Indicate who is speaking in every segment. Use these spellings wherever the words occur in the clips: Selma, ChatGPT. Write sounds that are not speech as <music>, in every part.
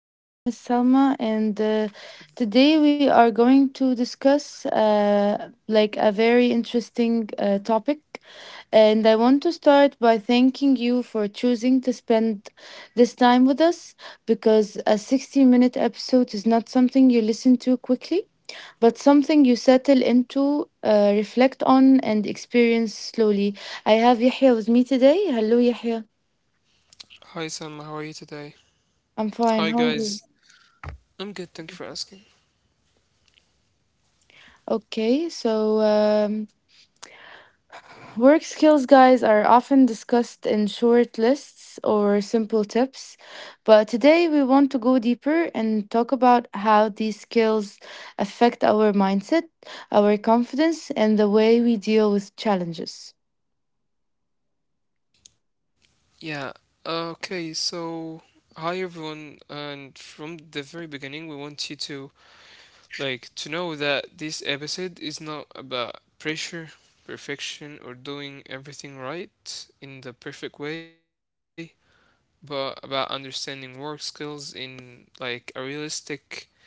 Speaker 1: My name is Salma, and today we are going to discuss a very interesting topic. And I want to start by thanking you for choosing to spend this time with us because a 60-minute episode is not something you listen to quickly, but something you settle into, reflect on, and experience slowly. I have Yahya with me today. Hello, Yahya.
Speaker 2: Hi Sam, how are you today?
Speaker 1: I'm fine. How are
Speaker 2: Hi
Speaker 1: you?
Speaker 2: guys. I'm good, thank you for asking.
Speaker 1: Okay, so work skills, guys, are often discussed in short lists or simple tips. But today we want to go deeper and talk about how these skills affect our mindset, our confidence, and the way we deal with challenges.
Speaker 2: Yeah, okay, so hi everyone, and from the very beginning we want you to like to know that this episode is not about pressure, perfection or doing everything right in the perfect way, but about understanding work skills in like a realistic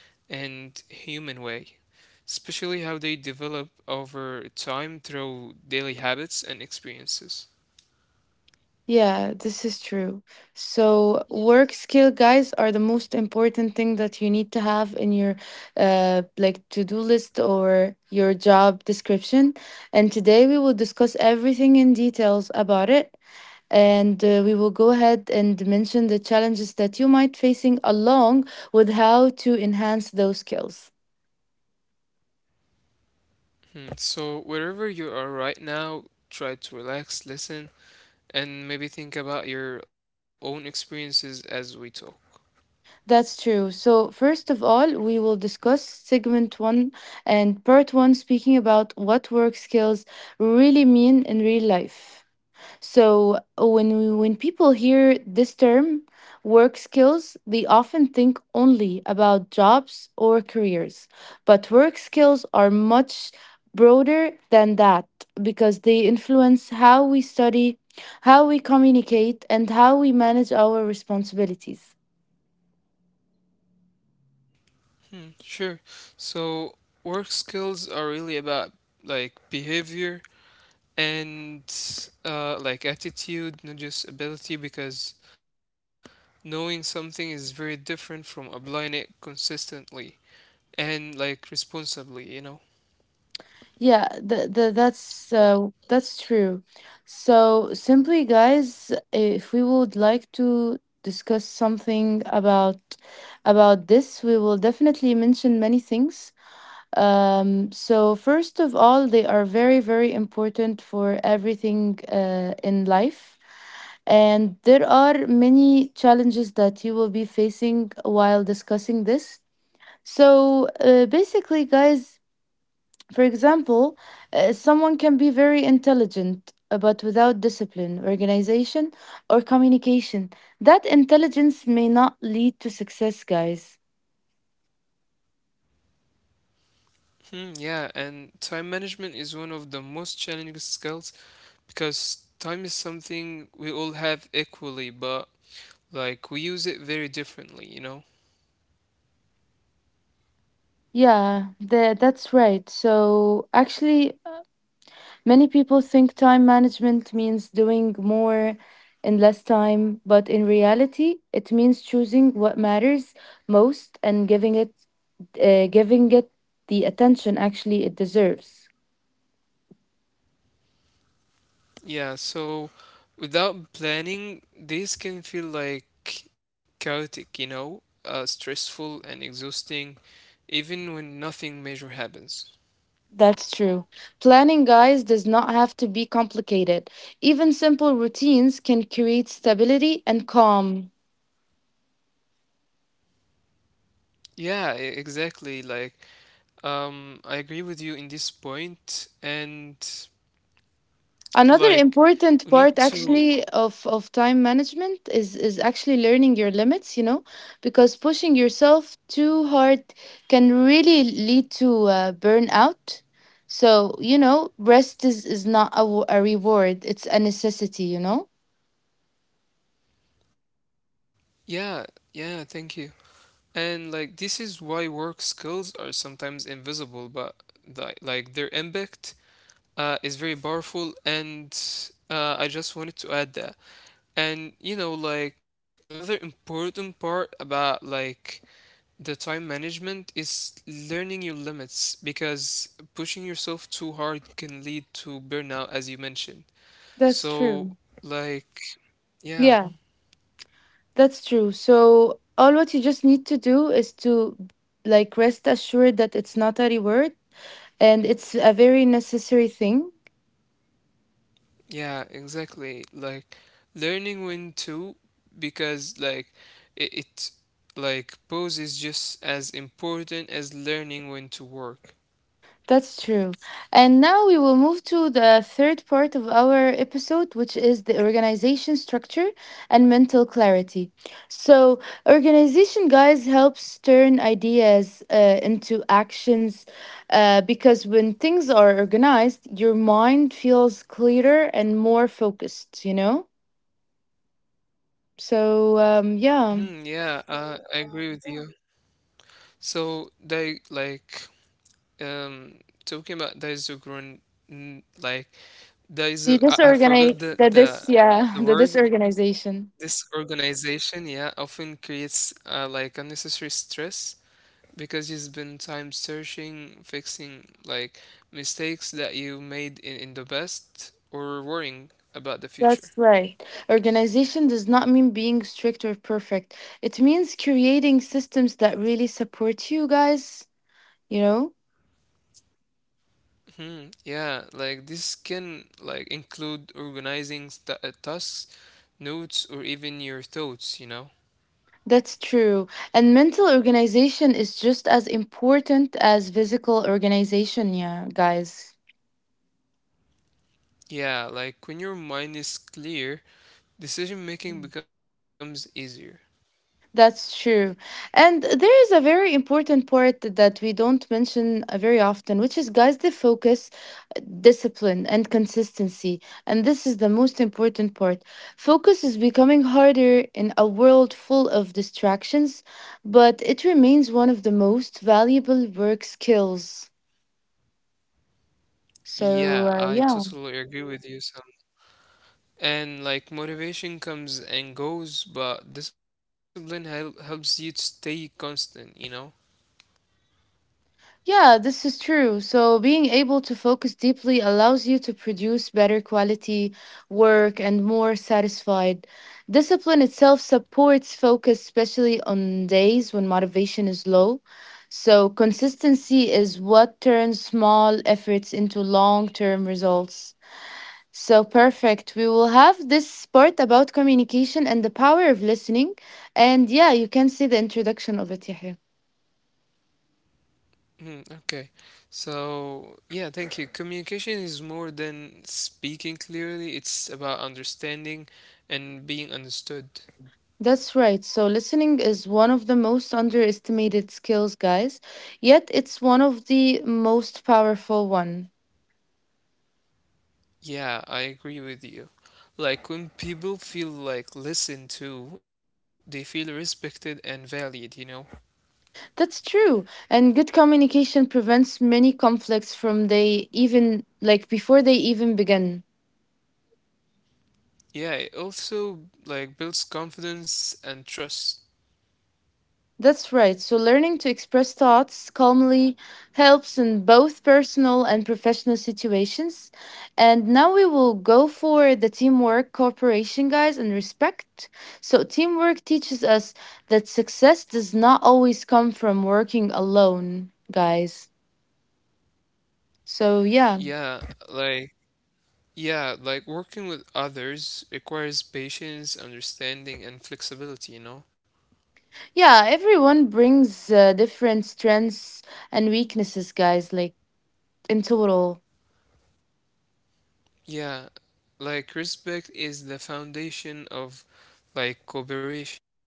Speaker 2: and human way, especially how they develop over time through daily habits and experiences.
Speaker 1: Yeah, this is true. So, work skill guys are the most important thing that you need to have in your to-do list or your job description. And today we will discuss everything in details about it. And we will go ahead and mention the challenges that you might facing along with how to enhance those skills.
Speaker 2: So, wherever you are right now, try to relax, listen, and maybe think about your own experiences as we talk.
Speaker 1: That's true. So, first of all, we will discuss segment one and part one, speaking about what work skills really mean in real life. So, when people hear this term, work skills, they often think only about jobs or careers. But work skills are much broader than that because they influence how we study, how we communicate, and how we manage our responsibilities.
Speaker 2: Hmm, sure. So, work skills are really about like behavior and like attitude, not just ability, because knowing something is very different from applying it consistently and like responsibly.
Speaker 1: Yeah, that's true. So simply, guys, if we would like to discuss something about this, we will definitely mention many things. So first of all, they are very, very important for everything in life. And there are many challenges that you will be facing while discussing this. So basically, guys, for example, someone can be very intelligent, but without discipline, organization, or communication. That intelligence may not lead to success, guys.
Speaker 2: Hmm, yeah, and time management is one of the most challenging skills because time is something we all have equally, but like we use it very differently.
Speaker 1: Yeah, that's right. So, actually, many people think time management means doing more in less time, but in reality, it means choosing what matters most and giving it the attention actually it deserves.
Speaker 2: Yeah, so without planning, this can feel like chaotic, stressful and exhausting, even when nothing major happens.
Speaker 1: That's true. Planning, guys, does not have to be complicated. Even simple routines can create stability and calm.
Speaker 2: Yeah, exactly. Like, I agree with you in this point, and
Speaker 1: Another
Speaker 2: like,
Speaker 1: important part
Speaker 2: we need
Speaker 1: actually
Speaker 2: to.
Speaker 1: of time management is actually learning your limits, you know, because pushing yourself too hard can really lead to burnout. So, you know, rest is not a reward, it's a necessity, you know?
Speaker 2: Yeah, yeah, thank you. And like, this is why work skills are sometimes invisible, but like their impact is very powerful. And I just wanted to add that. And like another important part about like the time management is learning your limits, because pushing yourself too hard can lead to burnout, as you mentioned.
Speaker 1: That's true.
Speaker 2: So like,
Speaker 1: Yeah.
Speaker 2: yeah,
Speaker 1: That's true. So all what you just need to do is to like rest assured that it's not a reward and it's a very necessary thing.
Speaker 2: yeah, exactly, like learning when to, because like it like pose is just as important as learning when to work.
Speaker 1: That's true. And now we will move to the third part of our episode, which is the organization structure and mental clarity. So, organization, guys, helps turn ideas into actions because when things are organized, your mind feels clearer and more focused, you know? So
Speaker 2: Hmm.
Speaker 1: yeah,
Speaker 2: Yeah, I agree with you. So they like um talking about Daisuke, n like Daizu, I,
Speaker 1: the
Speaker 2: I forgot the,
Speaker 1: disorganized, the this,
Speaker 2: the
Speaker 1: yeah, <laughs> the
Speaker 2: word,
Speaker 1: disorganization.
Speaker 2: this organization, yeah, often creates like unnecessary stress because you spend time searching, fixing like mistakes that you made in the past, or worrying about the future.
Speaker 1: That's right. Organization does not mean being strict or perfect. It means creating systems that really support you guys. You know,
Speaker 2: Hmm, yeah, like this can like include organizing tasks, notes, or even your thoughts.
Speaker 1: that's true. And mental organization is just as important as physical organization. Yeah, guys.
Speaker 2: Yeah, like when your mind is clear, decision making becomes easier.
Speaker 1: That's true. And there is a very important part that we don't mention very often, which is guys, the focus, discipline, and consistency. And this is the most important part. Focus is becoming harder in a world full of distractions, but it remains one of the most valuable work skills. So,
Speaker 2: Yeah, I
Speaker 1: yeah.
Speaker 2: totally agree with you, Sam. And like motivation comes and goes, but discipline helps you to stay constant.
Speaker 1: Yeah, this is true. So, being able to focus deeply allows you to produce better quality work and more satisfied. Discipline itself supports focus, especially on days when motivation is low. So, consistency is what turns small efforts into long term results. So, perfect. We will have this part about communication and the power of listening. And yeah, you can see the introduction of it, Yahya.
Speaker 2: Hmm. Okay. So, yeah, thank you. Communication is more than speaking clearly, it's about understanding and being understood.
Speaker 1: That's right. So, listening is one of the most underestimated skills, guys, yet it's one of the most powerful one.
Speaker 2: Yeah, I agree with you. Like when people feel like listened to, they feel respected and valued.
Speaker 1: That's true. And good communication prevents many conflicts from they even like before they even begin.
Speaker 2: Yeah, it also like builds confidence and trust.
Speaker 1: That's right. So, learning to express thoughts calmly helps in both personal and professional situations. And now we will go for the teamwork, cooperation, guys, and respect. So, teamwork teaches us that success does not always come from working alone, guys. So, yeah.
Speaker 2: Yeah, like yeah, like working with others requires patience, understanding, and flexibility.
Speaker 1: Yeah, everyone brings different strengths and weaknesses, guys, like in total.
Speaker 2: Yeah, like respect is the foundation of like cooperation.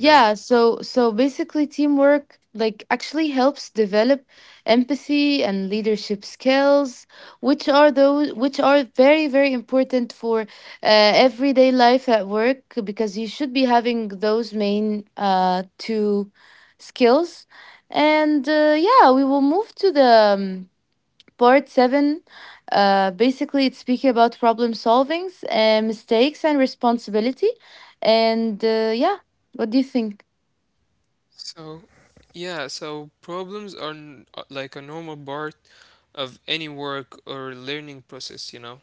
Speaker 1: Yeah, so basically teamwork like actually helps develop empathy and leadership skills, which are very very important for everyday life at work because you should be having those main two skills. And yeah, we will move to the part 7. Basically it's speaking about problem solvings and mistakes and responsibility. And yeah, what do you think?
Speaker 2: So, yeah, so problems are like a normal part of any work or learning process.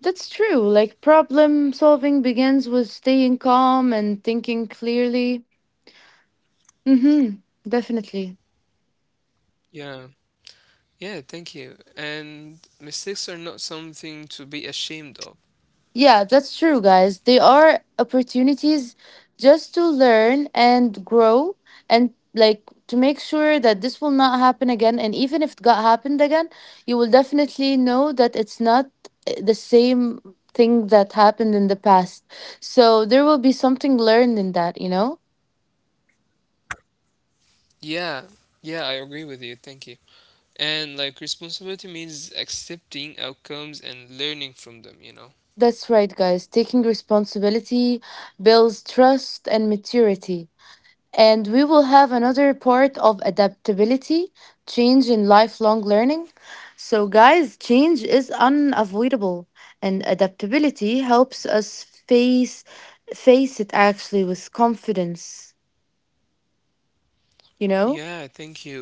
Speaker 1: That's true. Like problem solving begins with staying calm and thinking clearly. Mhm. Definitely.
Speaker 2: Yeah. Yeah, thank you. And mistakes are not something to be ashamed of.
Speaker 1: Yeah, that's true, guys. They are opportunities just to learn and grow and like to make sure that this will not happen again and even if it got happened again, you will definitely know that it's not the same thing that happened in the past. So there will be something learned in that, you know?
Speaker 2: Yeah. Yeah, I agree with you. Thank you. And like responsibility means accepting outcomes and learning from them.
Speaker 1: That's right, guys. Taking responsibility builds trust and maturity. And we will have another part of adaptability, change, and lifelong learning. So, guys, change is unavoidable, and adaptability helps us face it actually with confidence. You know,
Speaker 2: Yeah, thank you.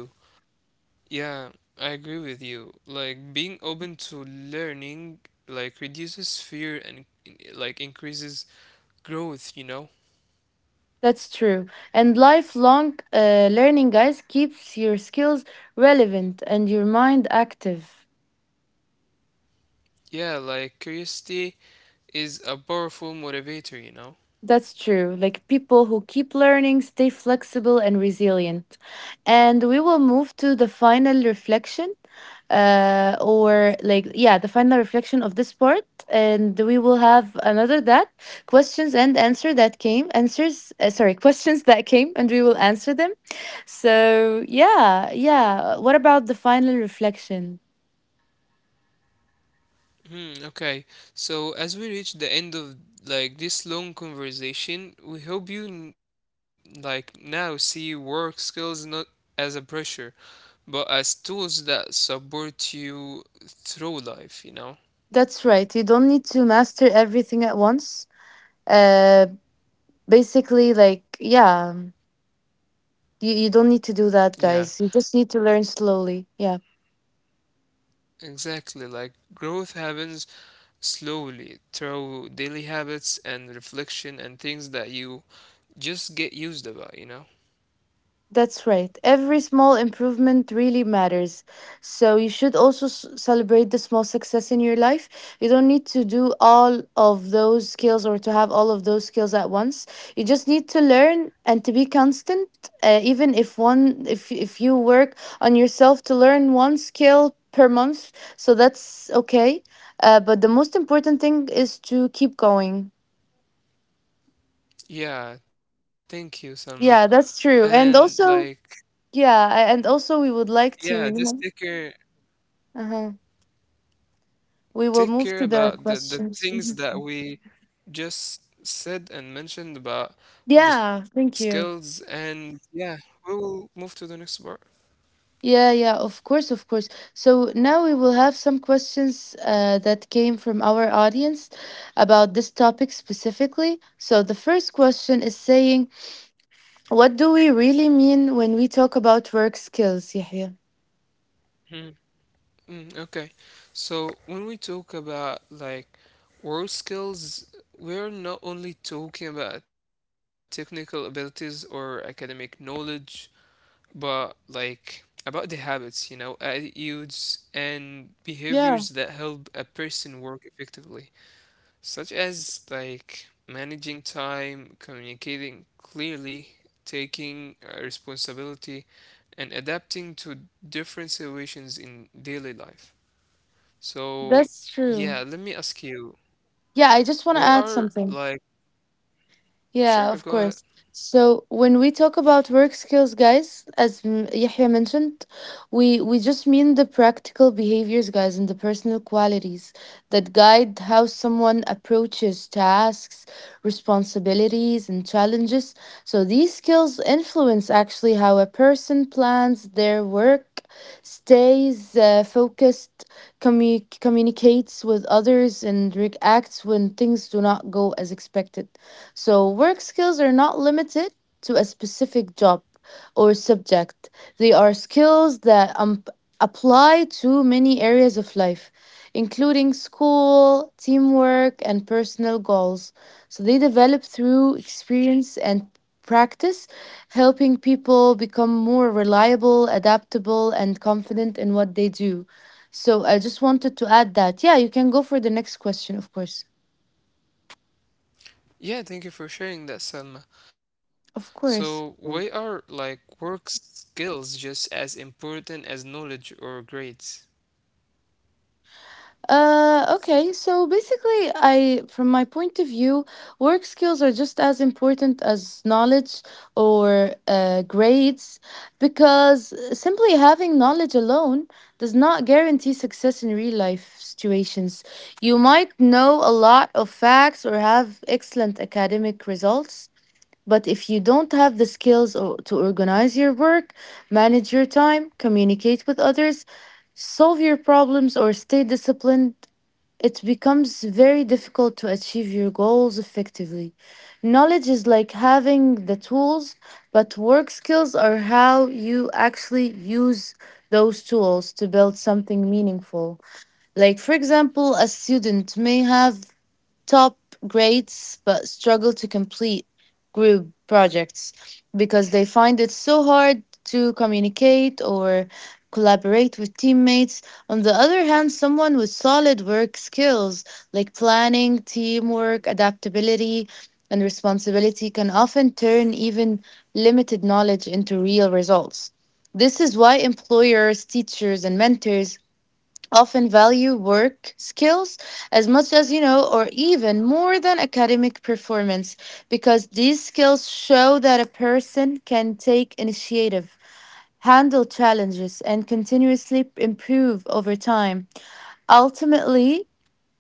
Speaker 2: Yeah, I agree with you. Like being open to learning like reduces fear and like increases growth.
Speaker 1: that's true. And lifelong learning, guys, keeps your skills relevant and your mind active.
Speaker 2: Yeah, like curiosity is a powerful motivator.
Speaker 1: That's true. Like people who keep learning stay flexible and resilient. And we will move to the final reflection, yeah, the final reflection of this part. And we will have another that questions and answer that came, answers, <laughs> questions that came, and we will answer them. So, yeah, yeah. What about the final reflection?
Speaker 2: Hmm, okay. So as we reach the end of like this long conversation, we hope you like now see work skills not as a pressure, but as tools that support you through life.
Speaker 1: That's right. You don't need to master everything at once. Uh, basically, like, yeah. You don't need to do
Speaker 2: Yeah.
Speaker 1: that, guys. You just need to learn slowly. Yeah.
Speaker 2: Exactly, like growth happens slowly through daily habits and reflection and things that you just get used about.
Speaker 1: That's right. Every small improvement really matters. So you should also celebrate the small success in your life. You don't need to do all of those skills or to have all of those skills at once. You just need to learn and to be constant. Even if one, if you work on yourself to learn one skill per month, so that's okay. But the most important thing is to keep going.
Speaker 2: Yeah, thank you, Salma.
Speaker 1: Yeah, that's true.
Speaker 2: And
Speaker 1: And
Speaker 2: like,
Speaker 1: also, yeah, and also we would like to,
Speaker 2: yeah,
Speaker 1: you
Speaker 2: just
Speaker 1: know,
Speaker 2: take care
Speaker 1: uh-huh. We will
Speaker 2: take
Speaker 1: move to
Speaker 2: care
Speaker 1: the
Speaker 2: about the
Speaker 1: questions. Mhm.
Speaker 2: things that we just said and mentioned about the
Speaker 1: Yeah, thank
Speaker 2: skills,
Speaker 1: you.
Speaker 2: and yeah, we will move to the next part.
Speaker 1: Yeah, yeah, of course, of course. So now we will have some questions that came from our audience about this topic specifically. So the first question is saying, what do we really mean when we talk about work skills, Yahya?
Speaker 2: Hmm. Mm, okay. So when we talk about like work skills, we're not only talking about technical abilities or academic knowledge, but like about the habits, attitudes and behaviors that
Speaker 1: Yeah,
Speaker 2: help a person work effectively, such as like managing time, communicating clearly, taking responsibility, and adapting to different situations in daily life. So,
Speaker 1: that's
Speaker 2: yeah,
Speaker 1: true.
Speaker 2: let me ask you,
Speaker 1: Yeah, I just want
Speaker 2: why
Speaker 1: to add
Speaker 2: are
Speaker 1: something.
Speaker 2: like,
Speaker 1: Yeah,
Speaker 2: sure,
Speaker 1: of
Speaker 2: go ahead.
Speaker 1: course. So when we talk about work skills, guys, as Yahya mentioned, we just mean the practical behaviors, guys, and the personal qualities that guide how someone approaches tasks, responsibilities, and challenges. So these skills influence actually how a person plans their work, stays focused, communicates with others, and reacts when things do not go as expected. So, work skills are not limited to a specific job or subject. They are skills that apply to many areas of life, including school, teamwork, and personal goals. So, they develop through experience and practice, helping people become more reliable, adaptable, and confident in what they do. So, I just wanted to add that. Yeah, you can go for the next question, of course.
Speaker 2: Yeah, thank you for sharing that, Selma.
Speaker 1: Of
Speaker 2: So, why
Speaker 1: course.
Speaker 2: are like work skills just as important as knowledge or grades?
Speaker 1: Okay, so basically, I, from my point of view, work skills are just as important as knowledge or grades because simply having knowledge alone does not guarantee success in real life situations. You might know a lot of facts or have excellent academic results, but if you don't have the skills or, to organize your work, manage your time, communicate with others, solve your problems or stay disciplined it becomes very difficult to achieve your goals effectively. Knowledge is like having the tools, but work skills are how you actually use those tools to build something meaningful. Like, for example, a student may have top grades but struggle to complete group projects because they find it so hard to communicate or collaborate with teammates. On the other hand, someone with solid work skills like planning, teamwork, adaptability, and responsibility can often turn even limited knowledge into real results. This is why employers, teachers, and mentors often value work skills as much as you know or even more than academic performance because these skills show that a person can take initiative, handle challenges, and continuously improve over time. Ultimately,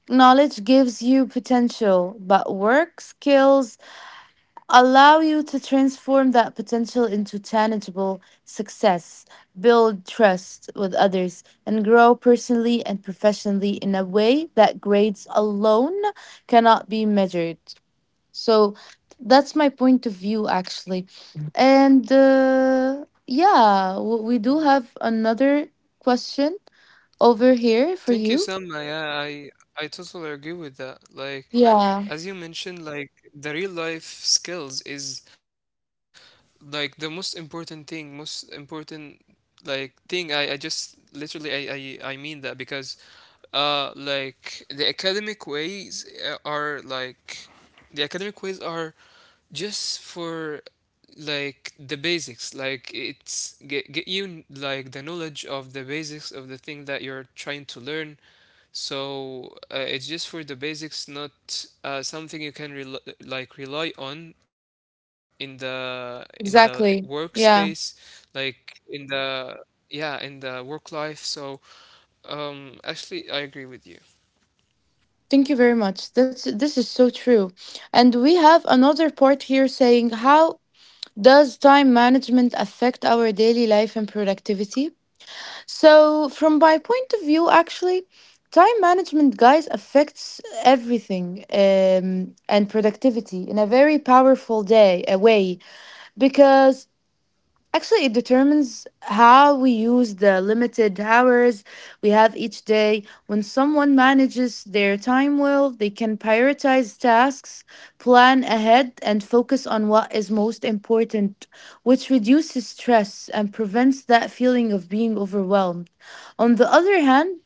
Speaker 1: knowledge gives you potential, but work skills allow you to transform that potential into tangible success, build trust with others, and grow personally and professionally in a way that grades alone cannot be measured. So that's my point of view, actually. And yeah, we do have another question over here for
Speaker 2: Thank you,
Speaker 1: you.
Speaker 2: Selma. Yeah, I totally agree with that. Like,
Speaker 1: Yeah,
Speaker 2: as you mentioned, like the real life skills is like the most important thing, most important like thing, I just literally I mean that, because like the academic ways are just for like the basics, like it's get you like the knowledge of the basics of the thing that you're trying to learn. So it's just for the basics, not something you can rely on in the workspace,
Speaker 1: exactly. Yeah.
Speaker 2: like in the yeah, in the work life. So actually I agree with you.
Speaker 1: Thank you very much. That's This is so true. And we have another part here saying, how does time management affect our daily life and productivity? So from my point of view, actually, time management, guys, affects everything, and productivity in a very powerful day a way. Because actually, it determines how we use the limited hours we have each day. When someone manages their time well, they can prioritize tasks, plan ahead, and focus on what is most important, which reduces stress and prevents that feeling of being overwhelmed. On the other hand,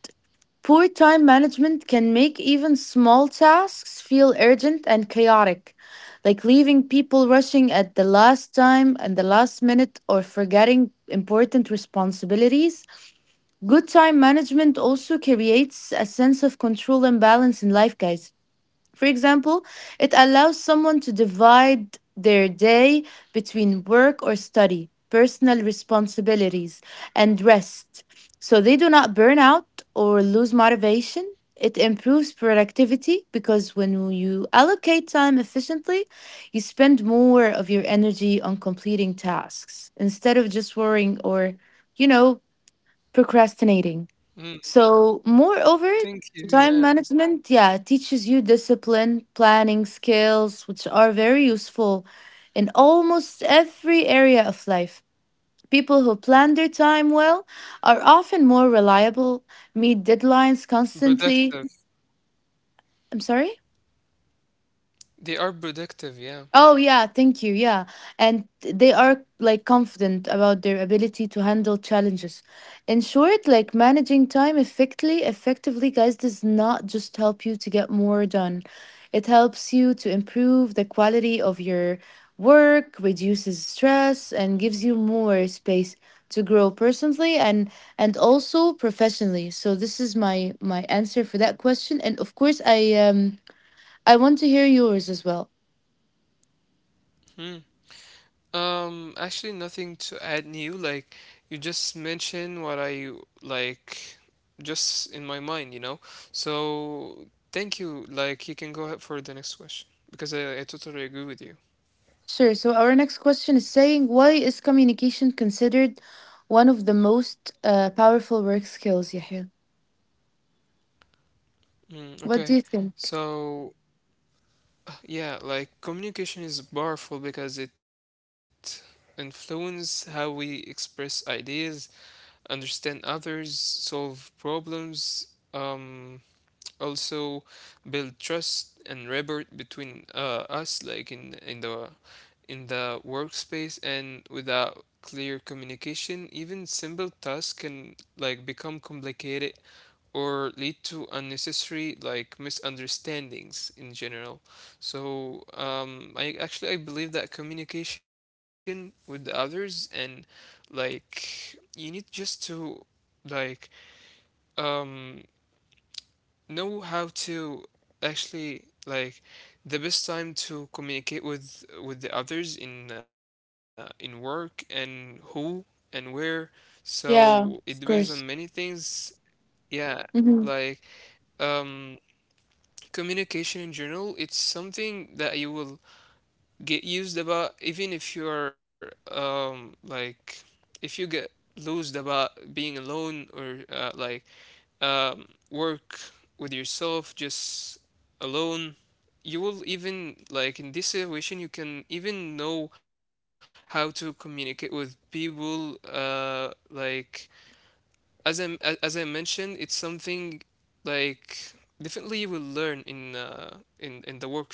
Speaker 1: poor time management can make even small tasks feel urgent and chaotic, like leaving people rushing at the last time and the last minute or forgetting important responsibilities. Good time management also creates a sense of control and balance in life, guys. For example, it allows someone to divide their day between work or study, personal responsibilities, and rest, so they do not burn out or lose motivation. It improves productivity because when you allocate time efficiently, you spend more of your energy on completing tasks instead of just worrying or, you know, procrastinating.
Speaker 2: mm,
Speaker 1: So, moreover,
Speaker 2: Thank you.
Speaker 1: time
Speaker 2: Yeah.
Speaker 1: management, yeah, teaches you discipline, planning skills, which are very useful in almost every area of life. People who plan their time well are often more reliable, meet deadlines
Speaker 2: productive
Speaker 1: constantly. I'm sorry?
Speaker 2: They are productive, yeah.
Speaker 1: Oh, yeah, thank you. Yeah. And they are like confident about their ability to handle challenges. In short, like managing time effectively, guys, does not just help you to get more done. It helps you to improve the quality of your work, reduces stress, and gives you more space to grow personally and also professionally. So this is my answer for that question. And of course, I want to hear yours as well.
Speaker 2: Hmm. Actually, nothing to add new. Like, you just mentioned what I like, just in my mind. So, thank you. Like, you can go ahead for the next question because I totally agree with you.
Speaker 1: Sure. So our next question is saying, why is communication considered one of the most powerful work skills, Yahya?
Speaker 2: Mm,
Speaker 1: What
Speaker 2: okay.
Speaker 1: do you think?
Speaker 2: So, yeah, like, communication is powerful because it influences how we express ideas, understand others, solve problems. Um, Also build trust and rapport between us, like in the workspace. And without clear communication even simple tasks can like become complicated or lead to unnecessary like misunderstandings in general. So I actually I believe that communication with the others, and like you need just to like um know how to actually like the best time to communicate with the others, in work, and who and where, so it depends on
Speaker 1: Yeah,
Speaker 2: many
Speaker 1: of course.
Speaker 2: things. Yeah, like um communication in general, it's something that you will get used about, even if you're like if you get lose about being alone, or like work with yourself just alone, you will even like in this situation you can even know how to communicate with people, like as i as I mentioned, it's something like definitely you will learn in the work field.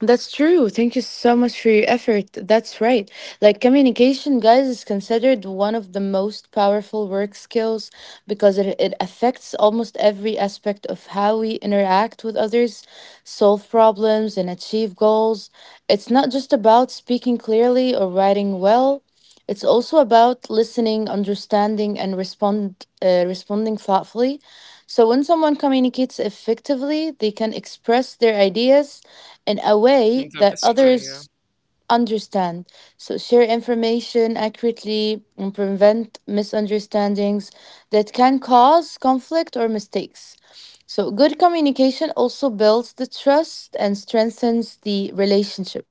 Speaker 1: That's true. Thank you so much for your effort. That's right. Like communication, guys, is considered one of the most powerful work skills because it affects almost every aspect of how we interact with others, solve problems, and achieve goals. It's not just about speaking clearly or writing well. It's also about listening, understanding, and responding thoughtfully. So when someone communicates effectively, they can express their ideas in a way that
Speaker 2: In the
Speaker 1: others
Speaker 2: best way, yeah.
Speaker 1: understand. So, share information accurately and prevent misunderstandings that can cause conflict or mistakes. So, good communication also builds the trust and strengthens the relationship,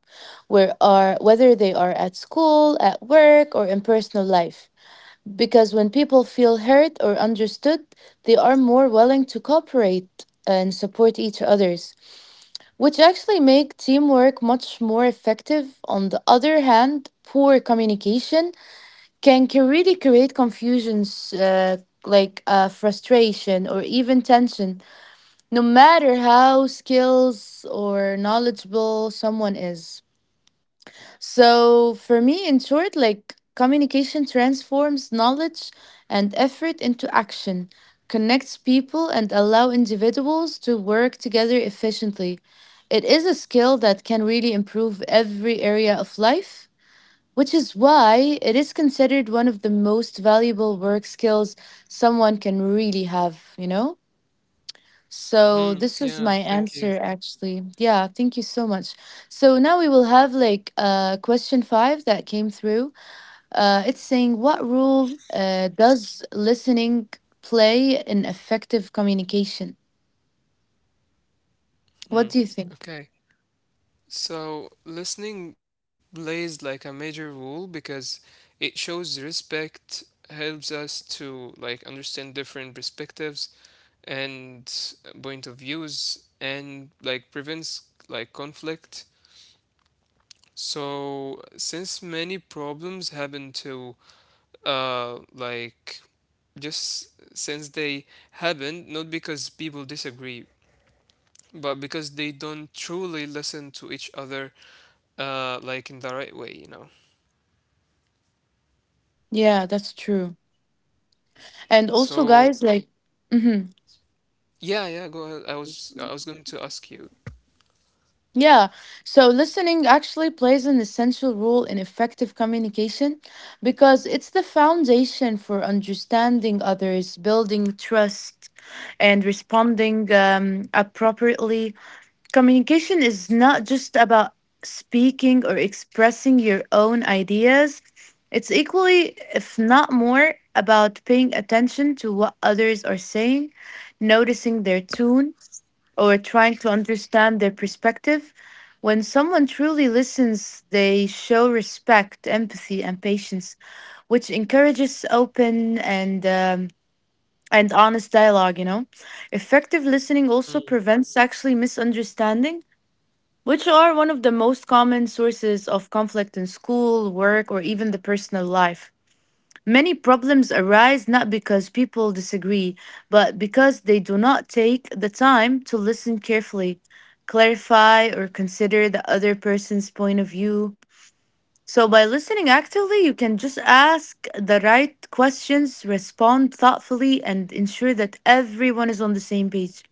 Speaker 1: whether they are at school, at work, or in personal life. Because when people feel heard or understood, they are more willing to cooperate and support each others, which actually make teamwork much more effective. On the other hand, poor communication can really create confusions, like frustration or even tension, no matter how skills or knowledgeable someone is. So, for me, in short, like communication transforms knowledge and effort into action, connects people, and allow individuals to work together efficiently. It is a skill that can really improve every area of life, which is why it is considered one of the most valuable work skills someone can really have, you know? So
Speaker 2: Hmm,
Speaker 1: this is my
Speaker 2: yeah, thank
Speaker 1: answer,
Speaker 2: you.
Speaker 1: actually. Yeah, thank you so much. So now we will have like question 5 that came through. It's saying, what role does listening play in effective communication? What do
Speaker 2: Hmm,
Speaker 1: you think?
Speaker 2: okay. So, listening plays like a major role because it shows respect, helps us to like understand different perspectives and point of views, and like prevents like conflict. So, since many problems happen to like just since they happen, not because people disagree, but because they don't truly listen to each other like in the right way.
Speaker 1: Yeah, that's true. And also, guys,
Speaker 2: So
Speaker 1: like mhm.
Speaker 2: yeah, yeah, go ahead. I was going to ask you.
Speaker 1: Yeah, so listening actually plays an essential role in effective communication because it's the foundation for understanding others, building trust, and responding appropriately. Communication is not just about speaking or expressing your own ideas. It's equally, if not more, about paying attention to what others are saying, noticing their tone, or trying to understand their perspective. When someone truly listens, they show respect, empathy, and patience, which encourages open and honest dialogue. You know, effective listening also
Speaker 2: Mm,
Speaker 1: prevents actually misunderstanding, which are one of the most common sources of conflict in school, work, or even the personal life. Many problems arise not because people disagree, but because they do not take the time to listen carefully, clarify, or consider the other person's point of view. So, by listening actively, you can just ask the right questions, respond thoughtfully, and ensure that everyone is on the same page.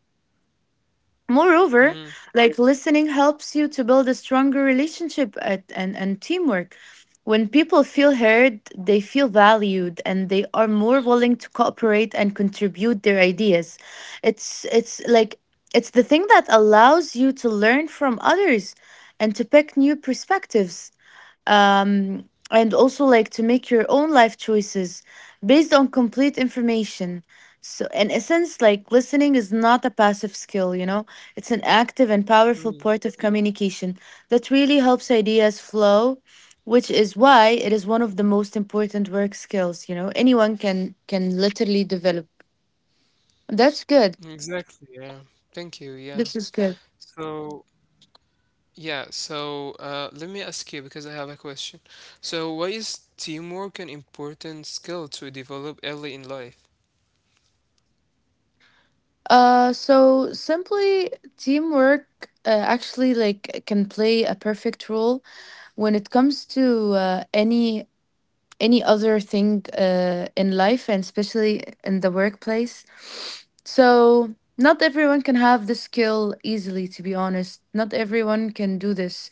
Speaker 1: Moreover,
Speaker 2: mm,
Speaker 1: like listening helps you to build a stronger relationship and teamwork. When people feel heard, they feel valued and they are more willing to cooperate and contribute their ideas. It's it's the thing that allows you to learn from others and to pick new perspectives, and also like to make your own life choices based on complete information. So, in essence, like listening is not a passive skill, you know, it's an active and powerful
Speaker 2: mm.
Speaker 1: part of communication that really helps ideas flow, which is why it is one of the most important work skills, you know, anyone can literally develop. That's good.
Speaker 2: Exactly, yeah. Thank you, yeah.
Speaker 1: This is good.
Speaker 2: So yeah, so let me ask you because I have a question. So why is teamwork an important skill to develop early in life?
Speaker 1: So simply teamwork actually like can play a perfect role when it comes to any other thing in life and especially in the workplace. So, not everyone can have this skill easily, to be honest. Not everyone can do this.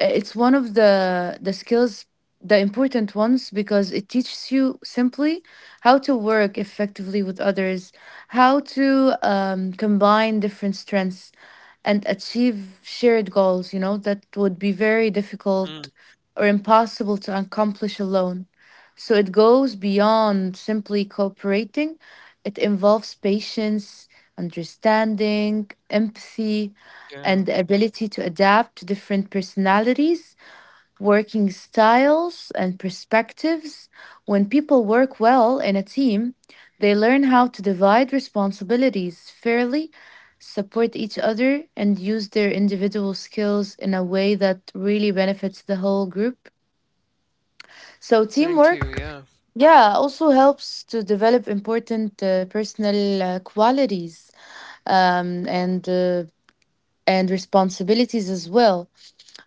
Speaker 1: It's one of the skills, the important ones, because it teaches you simply how to work effectively with others, how to combine different strengths and achieve shared goals, you know, that would be very
Speaker 2: Mm,
Speaker 1: difficult or impossible to accomplish alone. So it goes beyond simply cooperating, it involves patience, understanding, empathy,
Speaker 2: yeah.
Speaker 1: and the ability to adapt to different personalities, working styles, and perspectives. When people work well in a team, they learn how to divide responsibilities fairly, support each other, and use their individual skills in a way that really benefits the whole group.
Speaker 2: Thank
Speaker 1: So,
Speaker 2: you, yeah.
Speaker 1: teamwork, yeah, also helps to develop important personal qualities, um, and uh, and responsibilities as well.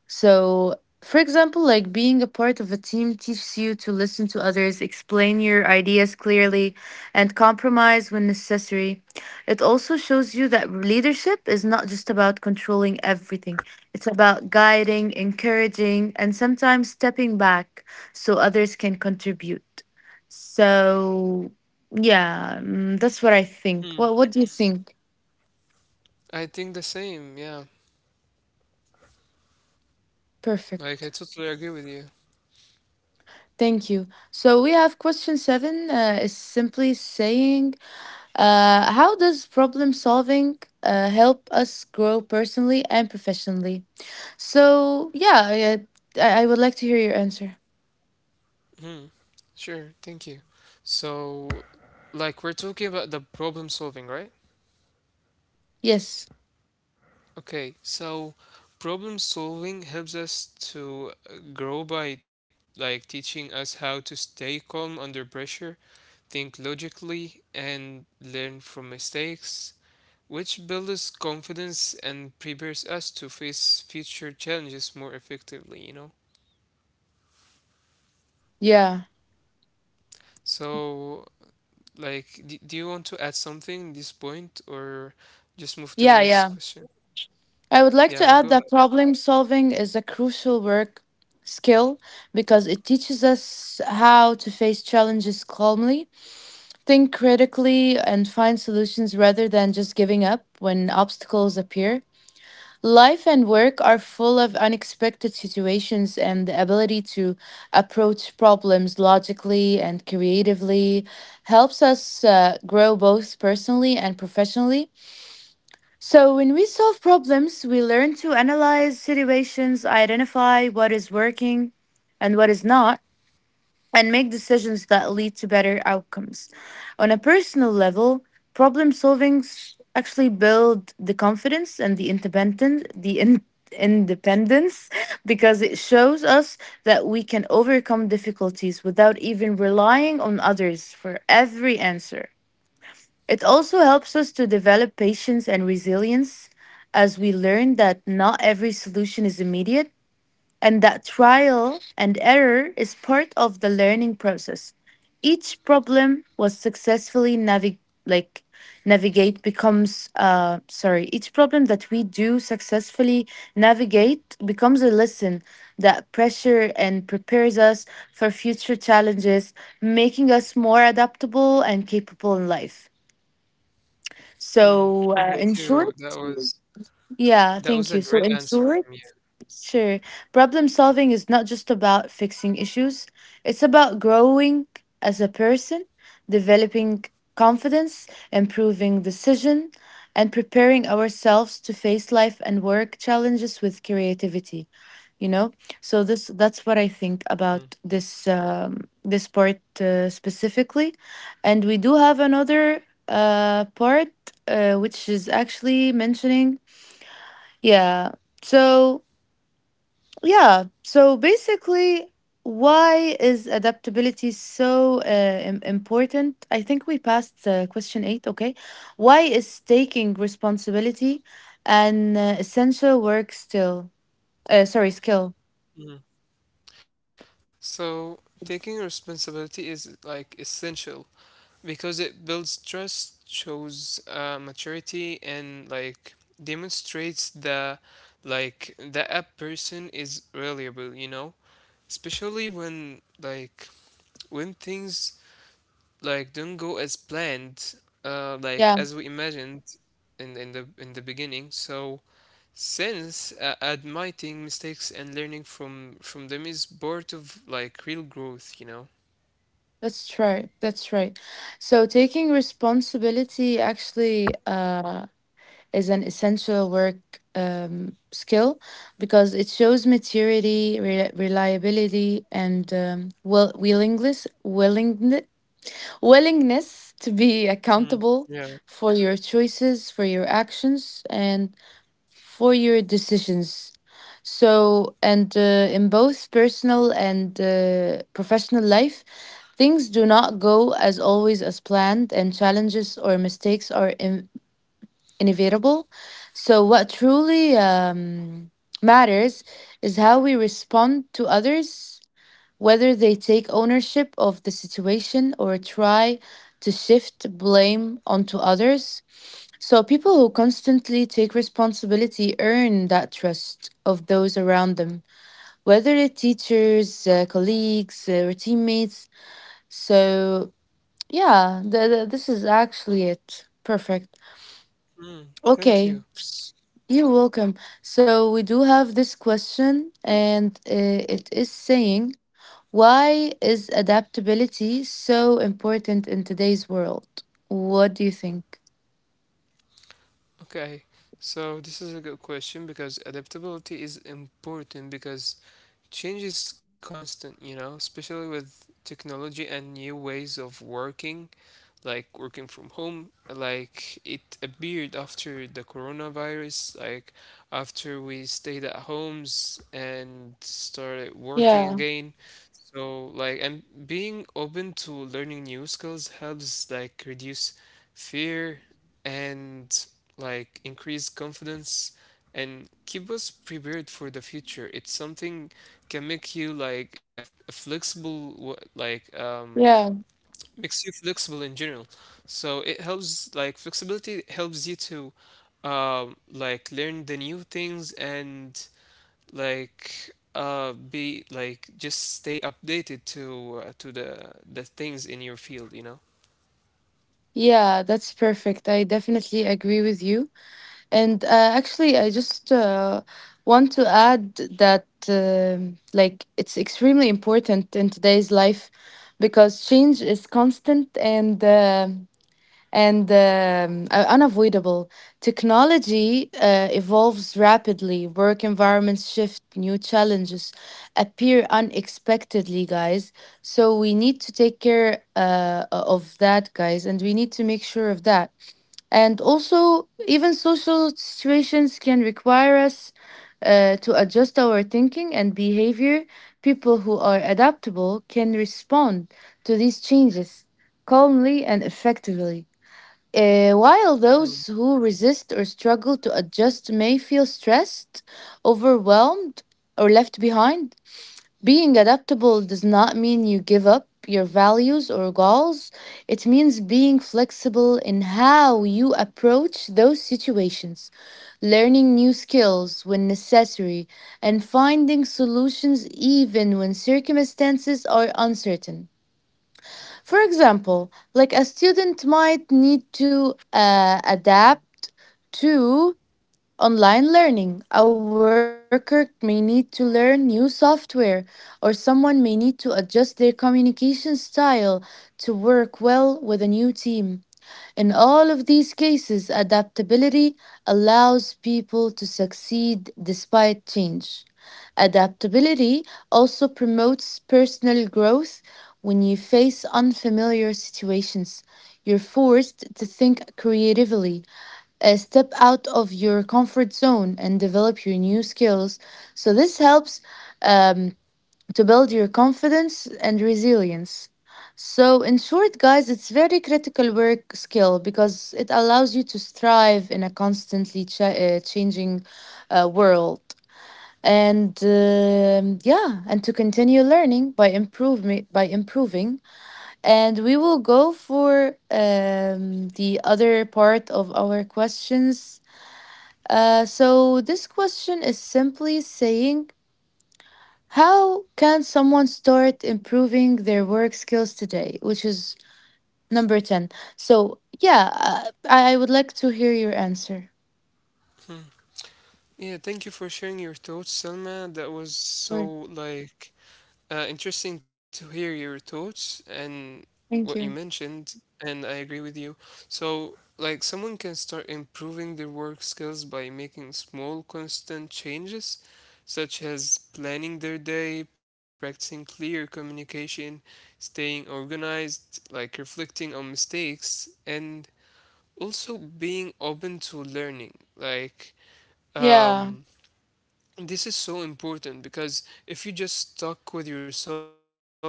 Speaker 1: So, for example, like being a part of a team teaches you to listen to others, explain your ideas clearly, and compromise when necessary. It also shows you that leadership is not just about controlling everything, it's about guiding, encouraging, and sometimes stepping back so others can contribute. So, yeah, mm, that's what I think.
Speaker 2: Mm.
Speaker 1: What do you think?
Speaker 2: I think the same, yeah. Like I
Speaker 1: Perfect.
Speaker 2: totally agree with you.
Speaker 1: Thank you. So we have question seven, is simply saying, how does problem solving help us grow personally and professionally? So yeah, I would like to hear your answer.
Speaker 2: Mm, sure, thank you. So like we're talking about the problem solving, right?
Speaker 1: Yes.
Speaker 2: Okay, so problem solving helps us to grow by like teaching us how to stay calm under pressure, think logically, and learn from mistakes, which builds confidence and prepares us to face future challenges more effectively.
Speaker 1: Yeah.
Speaker 2: So, like, do you want to add something in this point, or just move to
Speaker 1: Yeah.
Speaker 2: the
Speaker 1: Yeah.
Speaker 2: next question?
Speaker 1: I would like to
Speaker 2: Yeah,
Speaker 1: add
Speaker 2: go
Speaker 1: that
Speaker 2: ahead.
Speaker 1: problem solving is a crucial work skill because it teaches us how to face challenges calmly, think critically, and find solutions rather than just giving up when obstacles appear. Life and work are full of unexpected situations, and the ability to approach problems logically and creatively helps us grow both personally and professionally. So, when we solve problems, we learn to analyze situations, identify what is working and what is not, and make decisions that lead to better outcomes. On a personal level, actually build the confidence and the independence, independence <laughs> because it shows us that we can overcome difficulties without even relying on others for every answer. It also helps us to develop patience and resilience as we learn that not every solution is immediate and that trial and error is part of the learning process. Each problem was successfully navig- like navigate becomes sorry Each problem that we do successfully navigate becomes a lesson that pressure and prepares us for future challenges, making us more adaptable and capable in life. So
Speaker 2: Hmm,
Speaker 1: in short,
Speaker 2: thank you. That was
Speaker 1: yeah thank you
Speaker 2: that
Speaker 1: so
Speaker 2: was
Speaker 1: in
Speaker 2: a great
Speaker 1: short
Speaker 2: answer from you.
Speaker 1: sure. Problem solving is not just about fixing issues, it's about growing as a person, developing confidence, improving decision, and preparing ourselves to face life and work challenges with creativity. You know, so this that's what I think
Speaker 2: Hmm.
Speaker 1: about this part specifically, and we do have another part which is actually mentioning, yeah. So yeah. So basically, why is adaptability so important? I think we passed question eight. Okay. Why is taking responsibility an essential work still? Sorry, skill.
Speaker 2: Mm. So taking responsibility is like essential because it builds trust, shows maturity, and like demonstrates the like the app person is reliable. You know, especially when like when things like don't go as planned, like
Speaker 1: Yeah,
Speaker 2: as we imagined in the beginning. So since admitting mistakes and learning from them is part of like real growth.
Speaker 1: that's right. That's right. So taking responsibility actually is an essential work skill because it shows maturity, reliability, and willingness to be
Speaker 2: Hmm.
Speaker 1: accountable
Speaker 2: Yeah.
Speaker 1: for your choices, for your actions, and for your decisions. So, and In both personal and professional life, things do not go as always as planned, and challenges or mistakes are in inevitable. So, what truly matters is how we respond to others, whether they take ownership of the situation or try to shift blame onto others. So, people who constantly take responsibility earn that trust of those around them, whether they teachers, colleagues, or teammates. So, yeah, this is actually it. Perfect.
Speaker 2: Hmm. Thank
Speaker 1: Okay,
Speaker 2: you.
Speaker 1: you're welcome. So, we do have this question, and it is saying, why is adaptability so important in today's world? What do you think?
Speaker 2: Okay. So this is a good question because adaptability is important because change is constant, especially with technology and new ways of working. Like working from home, like it appeared after the coronavirus, like after we stayed at homes and started working
Speaker 1: Yeah,
Speaker 2: again. So like, and being open to learning new skills helps like reduce fear and like increase confidence, and keep us prepared for the future. It's something can make you like a flexible, like
Speaker 1: yeah,
Speaker 2: makes you flexible in general. So it helps, like flexibility helps you to like learn the new things, and like be like, just stay updated to the things in your field.
Speaker 1: yeah, that's perfect. I definitely agree with you. And actually, I just want to add that, it's extremely important in today's life because change is constant and are unavoidable. Technology evolves rapidly, work environments shift, new challenges appear unexpectedly, guys. So we need to take care of that, guys, and we need to make sure of that. And also, even social situations can require us. To adjust our thinking and behavior, people who are adaptable can respond to these changes calmly and effectively. While those
Speaker 2: Mm.
Speaker 1: who resist or struggle to adjust may feel stressed, overwhelmed, or left behind, being adaptable does not mean you give up your values or goals. It means being flexible in how you approach those situations, learning new skills when necessary, and finding solutions even when circumstances are uncertain. For example, like a student might need to adapt to online learning, a worker may need to learn new software, or someone may need to adjust their communication style to work well with a new team. In all of these cases, adaptability allows people to succeed despite change. Adaptability also promotes personal growth. When you face unfamiliar situations, you're forced to think creatively, step out of your comfort zone, and develop your new skills. So, this helps um, to build your confidence and resilience. So, in short, guys, it's very critical work skill because it allows you to thrive in a constantly changing world, and and to continue learning by improving. And we will go for the other part of our questions. So this question is simply saying, how can someone start improving their work skills today? Which is number 10. So, yeah, I would like to hear your answer.
Speaker 2: Yeah, thank you for sharing your thoughts, Selma. That was so
Speaker 1: Or,
Speaker 2: like, interesting to hear your thoughts and what you
Speaker 1: thank you.
Speaker 2: mentioned, and I agree with you. So, like, someone can start improving their work skills by making small, constant changes, such as planning their day, practicing clear communication, staying organized, like reflecting on mistakes, and also being open to learning. Like,
Speaker 1: Yeah,
Speaker 2: um, this is so important because if you just stuck with yourself in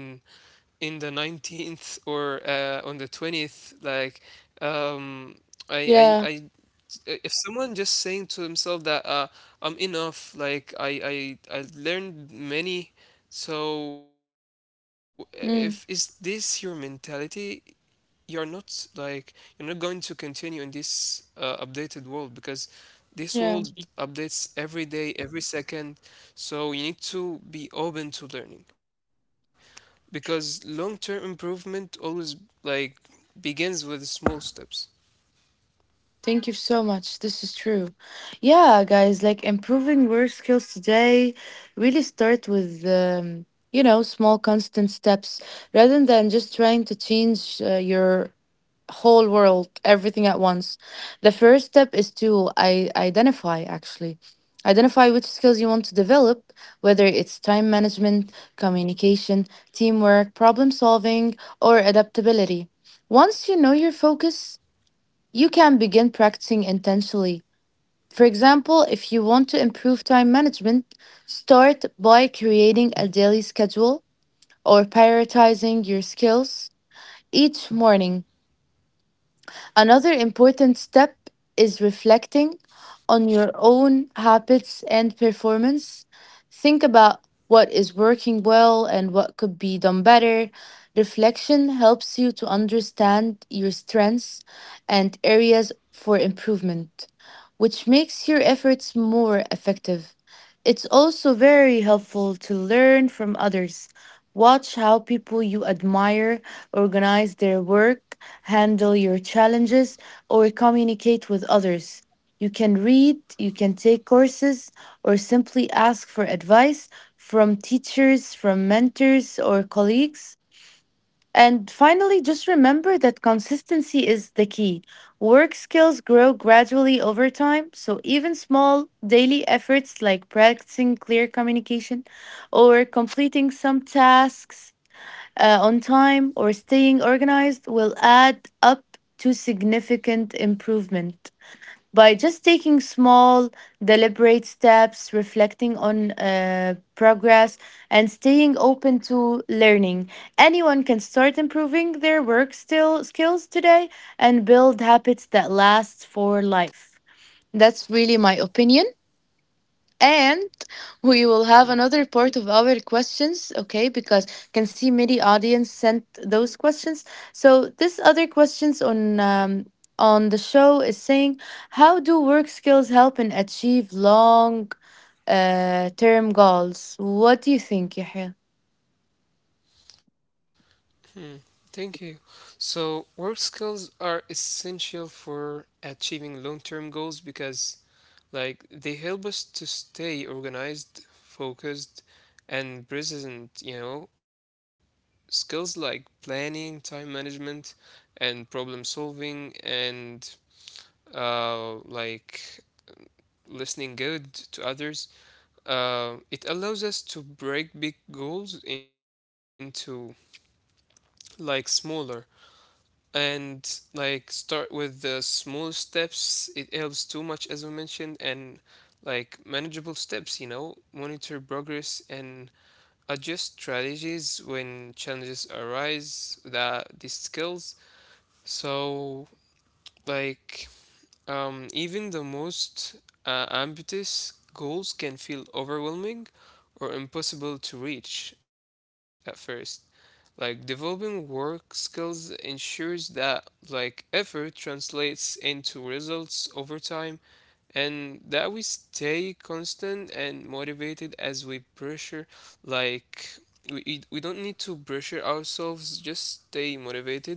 Speaker 2: in the 19th or on the 20th like um I
Speaker 1: yeah,
Speaker 2: if someone just saying to himself that I'm enough, like I learned many. So, if is this your
Speaker 1: mm,
Speaker 2: mentality, you're not like you're not going to continue in this updated world, because this world
Speaker 1: yeah.
Speaker 2: updates every day every second, so you need to be open to learning, because long-term improvement always like begins with small steps.
Speaker 1: Thank you so much. This is true. Yeah, guys, like improving work skills today really start with, you know, small constant steps rather than just trying to change your whole world, everything at once. The first step is to identify actually. Identify which skills you want to develop, whether it's time management, communication, teamwork, problem solving, or adaptability. Once you know your focus, you can begin practicing intentionally. For example, if you want to improve time management, start by creating a daily schedule or prioritizing your skills each morning. Another important step is reflecting on your own habits and performance. Think about what is working well and what could be done better. Reflection helps you to understand your strengths and areas for improvement, which makes your efforts more effective. It's also very helpful to learn from others. Watch how people you admire organize their work, handle your challenges, or communicate with others. You can read, you can take courses, or simply ask for advice from teachers, from mentors, or colleagues. And finally, just remember that consistency is the key. Work skills grow gradually over time, so even small daily efforts like practicing clear communication or completing some tasks on time or staying organized will add up to significant improvement by just taking small, deliberate steps, reflecting on progress, and staying open to learning. Anyone can start improving their work still skills today and build habits that last for life. That's really my opinion. And we will have another part of our questions, okay? Because can see many audience sent those questions. So this other questions on the show is saying, how do work skills help in achieve long term goals? What do you think, Yahya?
Speaker 2: Thank you. So, work skills are essential for achieving long-term goals because like they help us to stay organized, focused, and present, you know. Skills like planning, time management, and problem solving, and uh, like listening good to others. It allows us to break big goals into like smaller and like start with the small steps. It helps too much, as we mentioned, and like manageable steps, you know, monitor progress, and adjust strategies when challenges arise. That these skills, so like even the most ambitious goals can feel overwhelming or impossible to reach at first. Like developing work skills ensures that like effort translates into results over time, and that we stay constant and motivated as we pressure, like we don't need to pressure ourselves, just stay motivated,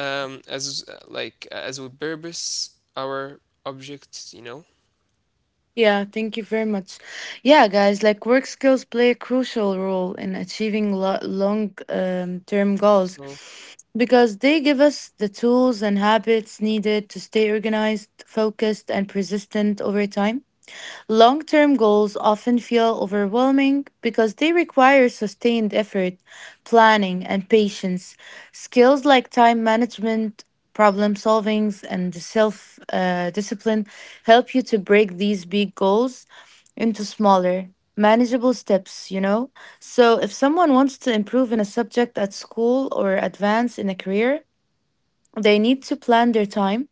Speaker 2: as like as we purpose our objects, you know.
Speaker 1: Yeah, thank you very much. Yeah, guys, like work skills play a crucial role in achieving long term
Speaker 2: So.
Speaker 1: goals because they give us the tools and habits needed to stay organized, focused, and persistent over time. Long term goals often feel overwhelming because they require sustained effort, planning, and patience. Skills like time management, problem solving, and self discipline help you to break these big goals into smaller, manageable steps, you know? So if someone wants to improve in a subject at school or advance in a career, they need to plan their time,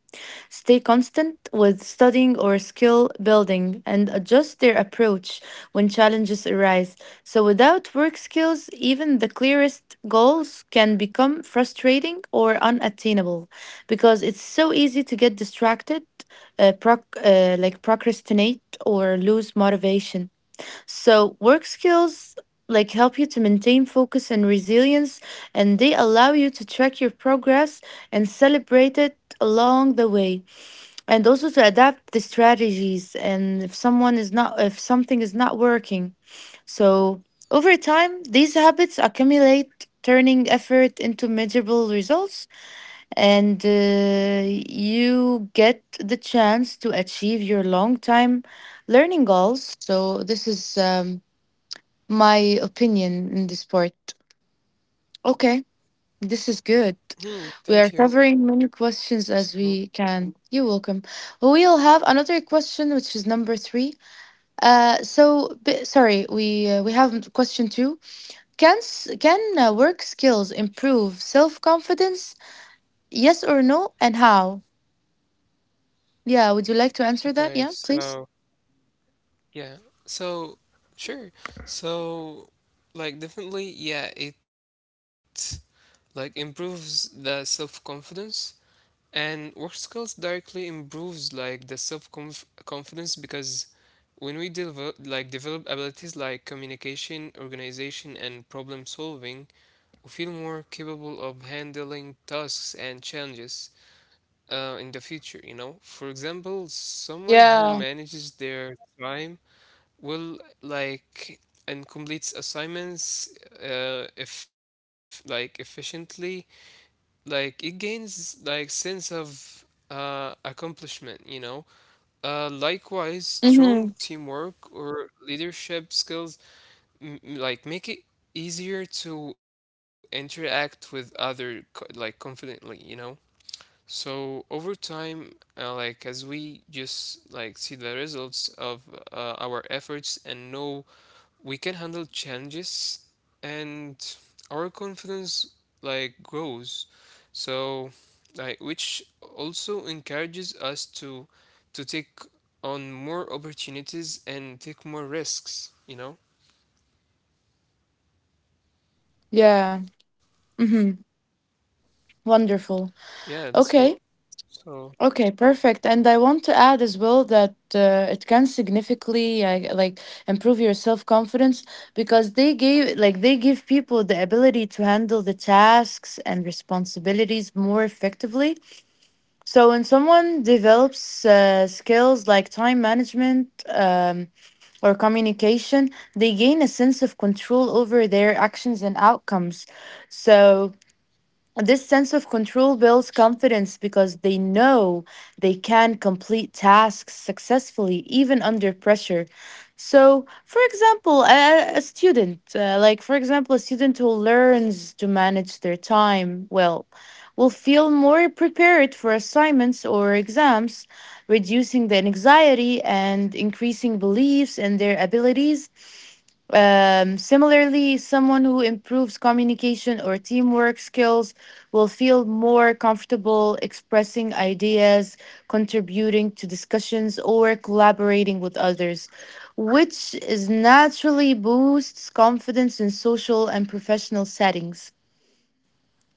Speaker 1: stay constant with studying or skill building, and adjust their approach when challenges arise. So, without work skills, even the clearest goals can become frustrating or unattainable because it's so easy to get distracted, procrastinate, or lose motivation. So, work skills like help you to maintain focus and resilience, and they allow you to track your progress and celebrate it along the way, and also to adapt the strategies and if someone is not if something is not working. So over time these habits accumulate, turning effort into measurable results, and you get the chance to achieve your long time learning goals. So this is my opinion in this part. Okay, this is
Speaker 2: Hmm,
Speaker 1: good.
Speaker 2: thank you.
Speaker 1: We are covering many questions
Speaker 2: So,
Speaker 1: as we can. You're welcome. We'll have another question, which is number three. We we have question two. Can work skills improve self confidence? Yes or no, and how? Yeah, would you like to answer that?
Speaker 2: okay,
Speaker 1: Yeah, please.
Speaker 2: so yeah, so sure, so like definitely, yeah, it like improves the self confidence, and work skills directly improves like the self confidence because when we develop abilities like communication, organization, and problem solving. Who feel more capable of handling tasks and challenges in the future, you know? For example, someone
Speaker 1: Yeah.
Speaker 2: who manages their time will, like, and completes assignments, if like efficiently, like it gains like sense of accomplishment, you know. Likewise, strong
Speaker 1: Mm-hmm.
Speaker 2: teamwork or leadership skills make it easier to interact with other like confidently, you know. So over time, like as we just like see the results of our efforts and know we can handle challenges, and our confidence like grows, so, like, which also encourages us to take on more opportunities and take more risks, you know.
Speaker 1: Yeah. Mm-hmm. Wonderful.
Speaker 2: Yeah, that's
Speaker 1: Okay.
Speaker 2: all. So.
Speaker 1: Okay, perfect. And I want to add as well that it can significantly improve your self-confidence because they gave like they give people the ability to handle the tasks and responsibilities more effectively. So when someone develops skills like time management, um, or communication, they gain a sense of control over their actions and outcomes. So this sense of control builds confidence because they know they can complete tasks successfully, even under pressure. So, for example, a student who learns to manage their time well, will feel more prepared for assignments or exams, reducing the anxiety and increasing beliefs in their abilities. Similarly, someone who improves communication or teamwork skills will feel more comfortable expressing ideas, contributing to discussions, or collaborating with others, which is naturally boosts confidence in social and professional settings.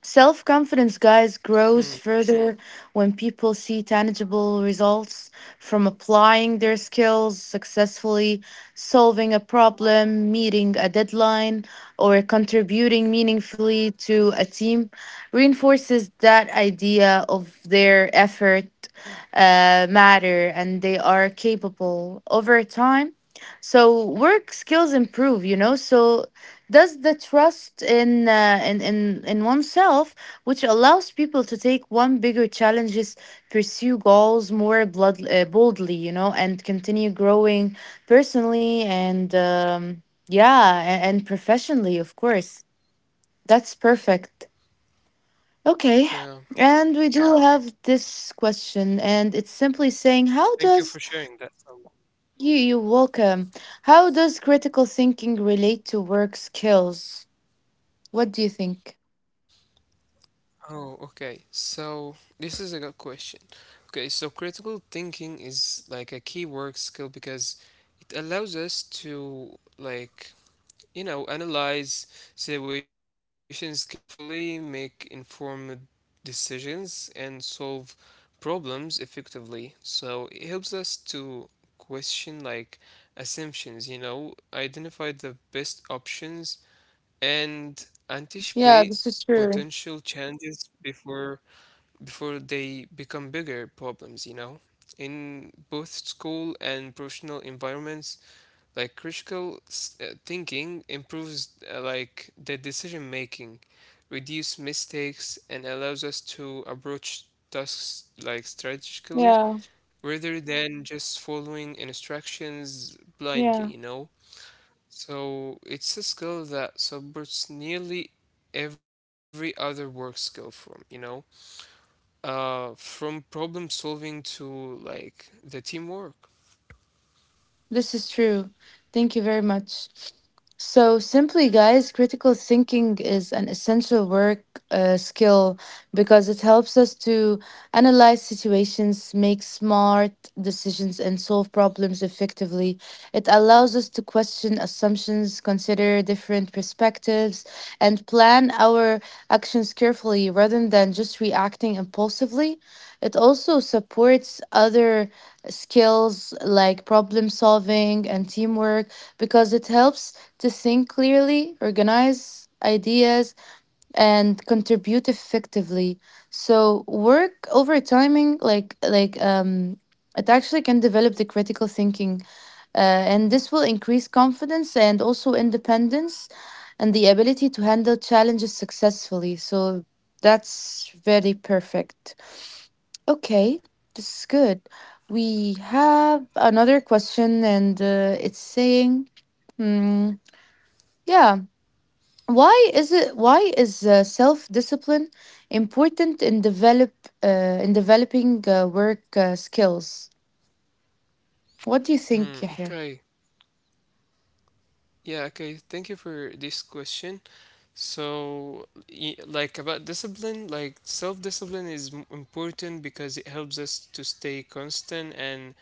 Speaker 1: Self confidence, guys,
Speaker 2: Mhm.
Speaker 1: grows further when people see tangible results from applying their skills successfully, solving a problem, meeting a deadline, or contributing meaningfully to a team. Reinforces that idea of their effort matter and they are capable over time. So work skills improve, you know. So thus, the trust in oneself, which allows people to take one bigger challenges, pursue goals more boldly, you know, and continue growing personally and and professionally, of course. That's perfect. Okay,
Speaker 2: Yeah,
Speaker 1: and we do have this question, and it's simply saying, how
Speaker 2: thank you
Speaker 1: does
Speaker 2: for sharing that.
Speaker 1: you you welcome? How does critical thinking relate to work skills? What do you think?
Speaker 2: Oh, okay. So, this is a good question. Okay, so critical thinking is like a key work skill because it allows us to, like, you know, analyze situations carefully, make informed decisions, and solve problems effectively. So, it helps us to question, like, assumptions, you know, identify the best options, and anticipate
Speaker 1: Yeah, this is true.
Speaker 2: potential challenges before they become bigger problems, you know. In both school and professional environments, like critical thinking improves, like, the decision making, reduce mistakes, and allows us to approach tasks like strategically
Speaker 1: Yeah,
Speaker 2: rather than just following instructions blindly,
Speaker 1: yeah.
Speaker 2: you know. So it's a skill that supports nearly every other work skill from, you know, from problem solving to like the teamwork.
Speaker 1: This is true. Thank you very much. So, simply, guys, critical thinking is an essential work skill because it helps us to analyze situations, make smart decisions, and solve problems effectively. It allows us to question assumptions, consider different perspectives, and plan our actions carefully rather than just reacting impulsively. It also supports other skills like problem solving and teamwork because it helps to think clearly, organize ideas, and contribute effectively. So work over timing, it actually can develop the critical thinking and this will increase confidence and also independence and the ability to handle challenges successfully. So that's very perfect. Okay, this is good. We have another question, and it's saying, hmm, yeah, why is it? Why is self-discipline important in developing work skills? What do you
Speaker 2: Hmm,
Speaker 1: think, Yahya?
Speaker 2: okay. Yeah, okay. Thank you for this question. So, like about discipline, like self-discipline is important because it helps us to stay constant and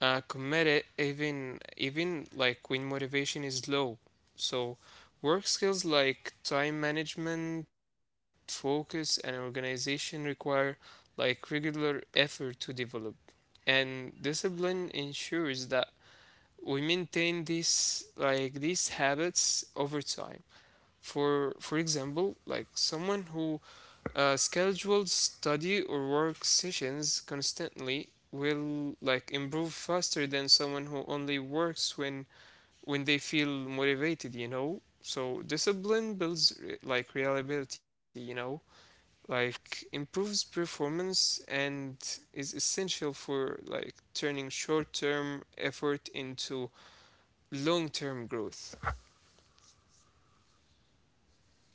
Speaker 2: commit it, even like when motivation is low. So work skills like time management, focus, and organization require like regular effort to develop. And discipline ensures that we maintain these habits over time. For example, like someone who scheduled study or work sessions constantly will like improve faster than someone who only works when they feel motivated, you know. So discipline builds like reliability, you know, like improves performance and is essential for like turning short-term effort into long-term growth.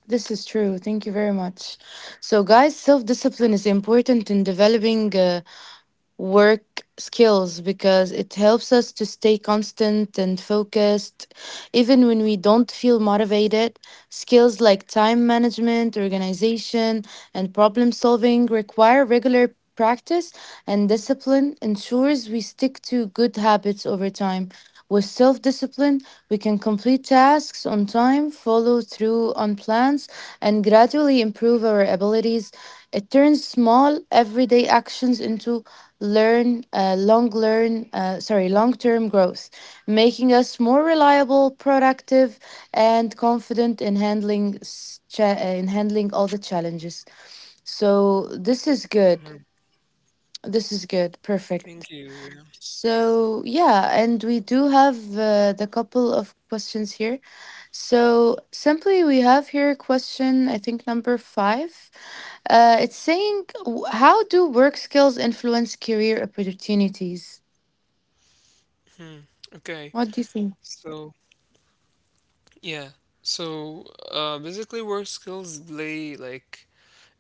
Speaker 1: This is true. Thank you very much.
Speaker 2: Yeah.
Speaker 1: So, guys, self discipline is important in developing work skills because it helps us to stay constant and focused even when we don't feel motivated. Skills like time management, organization, and problem solving require regular practice and discipline ensures we stick to good habits over time. With self discipline, we can complete tasks on time, follow through on plans, and gradually improve our abilities. It turns small everyday actions into learn long learn sorry long term growth, making us more reliable, productive, and confident in in handling all the challenges. So this is good. This is good, perfect. So yeah, and we do have the couple of questions here. So simply we have here question, I think number 5. It's saying, how do work skills influence career opportunities?
Speaker 2: Okay,
Speaker 1: What do you think?
Speaker 2: so yeah, so basically, work skills play like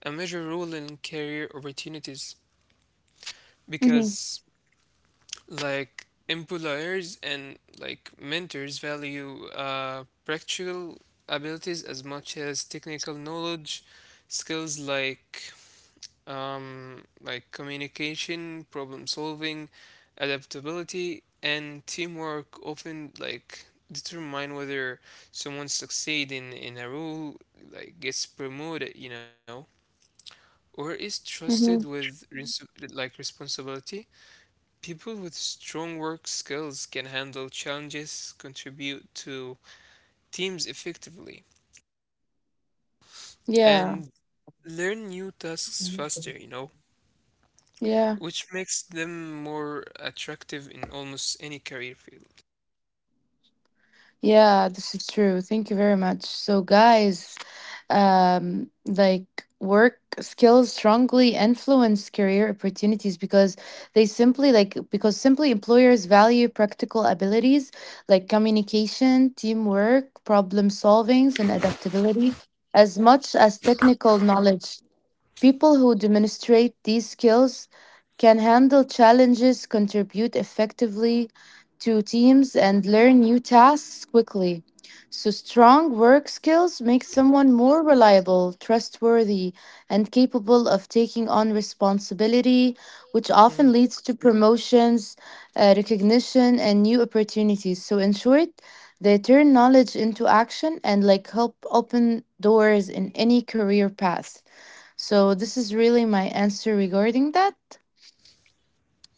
Speaker 2: a major role in career opportunities
Speaker 1: Mhm.
Speaker 2: because like employers and like mentors value practical abilities as much as technical knowledge. Skills like, like, communication, problem solving, adaptability, and teamwork often, like, determine whether someone succeed in a role, like, gets promoted, you know, or is trusted
Speaker 1: Mhm.
Speaker 2: with like responsibility. People with strong work skills can handle challenges, contribute to teams effectively,
Speaker 1: Yeah,
Speaker 2: and learn new tasks faster, you know,
Speaker 1: yeah,
Speaker 2: which makes them more attractive in almost any career field.
Speaker 1: yeah, this is true. Thank you very much. So, guys, like work skills strongly influence career opportunities because they simply like because simply employers value practical abilities like communication, teamwork, problem solvings, and adaptability as much as technical knowledge. People who demonstrate these skills can handle challenges, contribute effectively to teams, and learn new tasks quickly. So, strong work skills make someone more reliable, trustworthy, and capable of taking on responsibility, which often
Speaker 2: Mm.
Speaker 1: leads to promotions, recognition, and new opportunities. So, in short, they turn knowledge into action and like help open doors in any career path. So this is really my answer regarding that.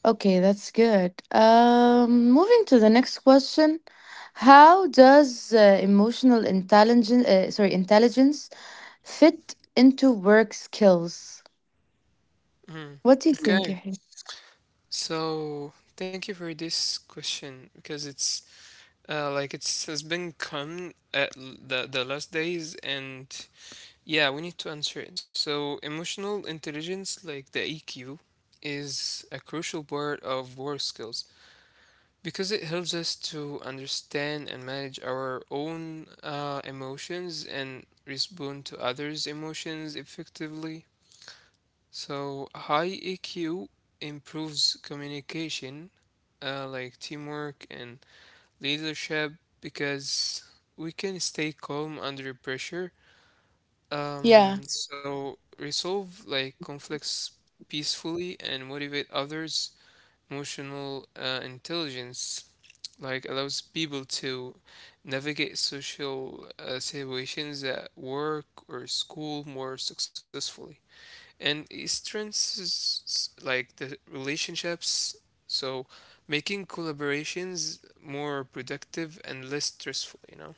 Speaker 1: Okay, that's good. Moving to the next question, how does emotional intelligence, fit into work skills?
Speaker 2: Mm.
Speaker 1: What do you think,
Speaker 2: Okay.
Speaker 1: Yahya?
Speaker 2: So thank you for this question because it's, like, it's has been common at the last days, and yeah, we need to answer it. So, emotional intelligence, like the EQ, is a crucial part of work skills because it helps us to understand and manage our own emotions and respond to others' emotions effectively. So, high EQ improves communication, like, teamwork and leadership, because we can stay calm under pressure,
Speaker 1: Yeah,
Speaker 2: so resolve, like, conflicts peacefully, and motivate others. Emotional intelligence like allows people to navigate social situations at work or school more successfully. And it strengthens like the relationships, so making collaborations more productive and less stressful, you know?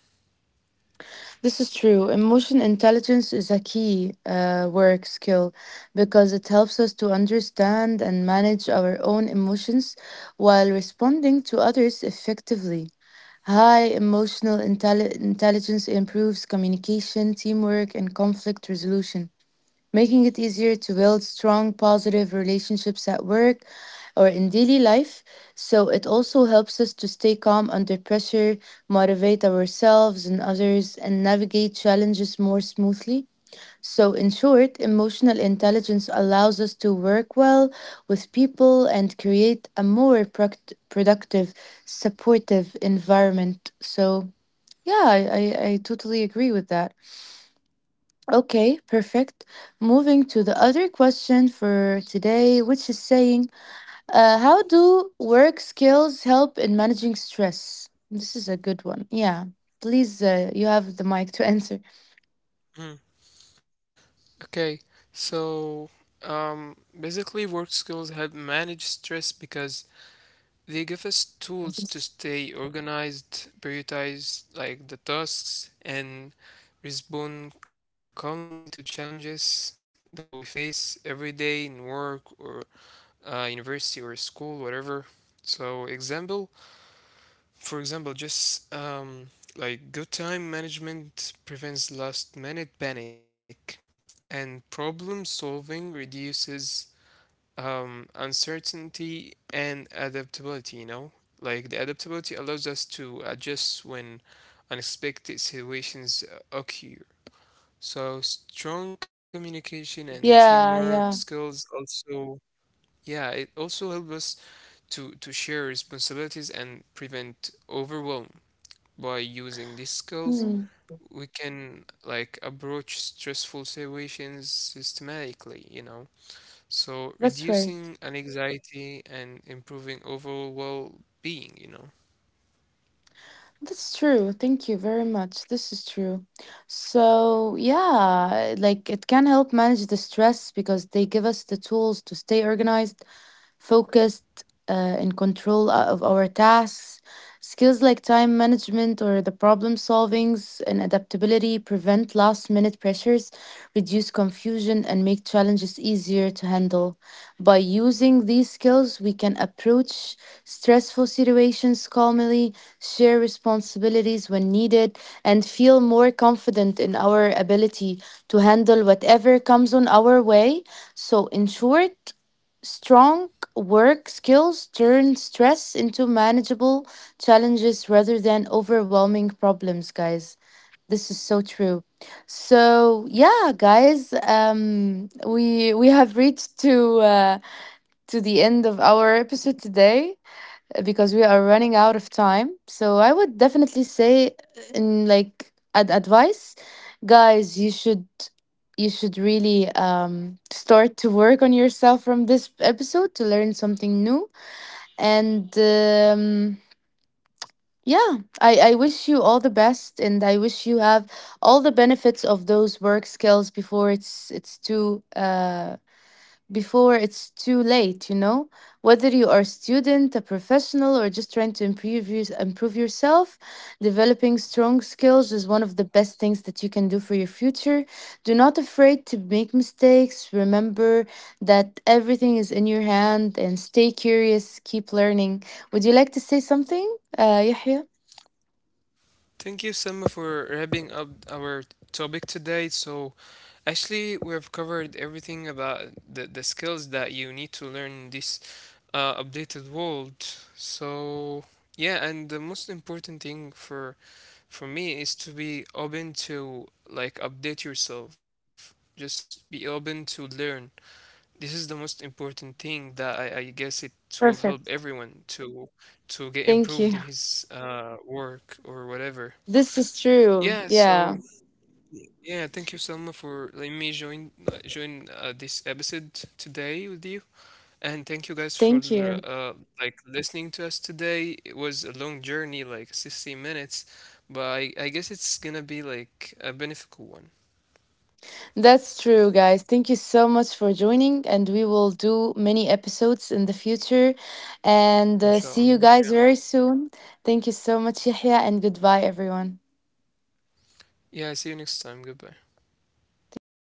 Speaker 1: this is true. Emotion intelligence is a key work skill because it helps us to understand and manage our own emotions while responding to others effectively. High intelligence improves communication, teamwork, and conflict resolution, making it easier to build strong, positive relationships at work or in daily life. So, it also helps us to stay calm under pressure, motivate ourselves and others, and navigate challenges more smoothly. So, in short, emotional intelligence allows us to work well with people and create a more productive, supportive environment. So, yeah, I totally agree with that. Okay, perfect. Moving to the other question for today, which is saying, how do work skills help in managing stress? This is a good one. Yeah, please, you have the mic to <laughs> answer.
Speaker 2: Okay, so, basically, work skills help manage stress because they give us tools to stay organized, prioritize like the tasks, and respond calmly to challenges that we face every day in work or university or school, whatever. So, for example, just like good time management prevents last minute panic, and problem solving reduces uncertainty, and adaptability, you know? Like the adaptability allows us to adjust when unexpected situations occur. So strong communication and
Speaker 1: Yeah,
Speaker 2: teamwork
Speaker 1: yeah.
Speaker 2: skills also, yeah, it also helps us to share responsibilities and prevent overwhelm. By using these skills,
Speaker 1: Mm,
Speaker 2: we can like approach stressful situations systematically, you know. So
Speaker 1: that's right.
Speaker 2: reducing an anxiety and improving overall well-being, you know.
Speaker 1: That's true. Thank you very much. This is true. So, yeah, like it can help manage the stress because they give us the tools to stay organized, focused, in control of our tasks. Skills like time management or the problem solvings and adaptability prevent last minute pressures, reduce confusion, and make challenges easier to handle. By using these skills, we can approach stressful situations calmly, share responsibilities when needed, and feel more confident in our ability to handle whatever comes on our way. So, in short, strong work skills turn stress into manageable challenges rather than overwhelming problems, guys. This is so true. So yeah, guys, we have reached to the end of our episode today because we are running out of time. So I would definitely say, in like advice, guys, you should really start to work on yourself from this episode to learn something new. And yeah, I wish you all the best, and I wish you have all the benefits of those work skills before it's too. Before it's too late, you know? Whether you are a student, a professional, or just trying to improve yourself, developing strong skills is one of the best things that you can do for your future. Do not afraid to make mistakes. Remember that everything is in your hand and stay curious, keep learning. Would you like to say something, Yahya?
Speaker 2: Thank you, Selma, for wrapping up our topic today. So, actually, we've covered everything about the skills that you need to learn in this updated world. So, yeah, and the most important thing for me is to be open to like update yourself. Just be open to learn. This is the most important thing that I guess it will help
Speaker 1: Perfect.
Speaker 2: everyone to get improved
Speaker 1: Thank
Speaker 2: in
Speaker 1: you.
Speaker 2: his work or whatever.
Speaker 1: This is
Speaker 2: Yeah,
Speaker 1: true.
Speaker 2: so
Speaker 1: Yeah.
Speaker 2: yeah, thank you, Selma, for letting me join this episode today with you, and thank you guys for
Speaker 1: Thank you.
Speaker 2: uh, like listening to us today. It was a long journey, like 60 minutes, but I guess it's gonna be like a beneficial one.
Speaker 1: That's true, guys. Thank you so much for joining, and we will do many episodes in the future. And see you
Speaker 2: Inshallah.
Speaker 1: guys
Speaker 2: Yeah.
Speaker 1: very soon. Thank you so much, Yahya, and goodbye, everyone.
Speaker 2: Yeah. See you next time. Goodbye.
Speaker 1: Thank you.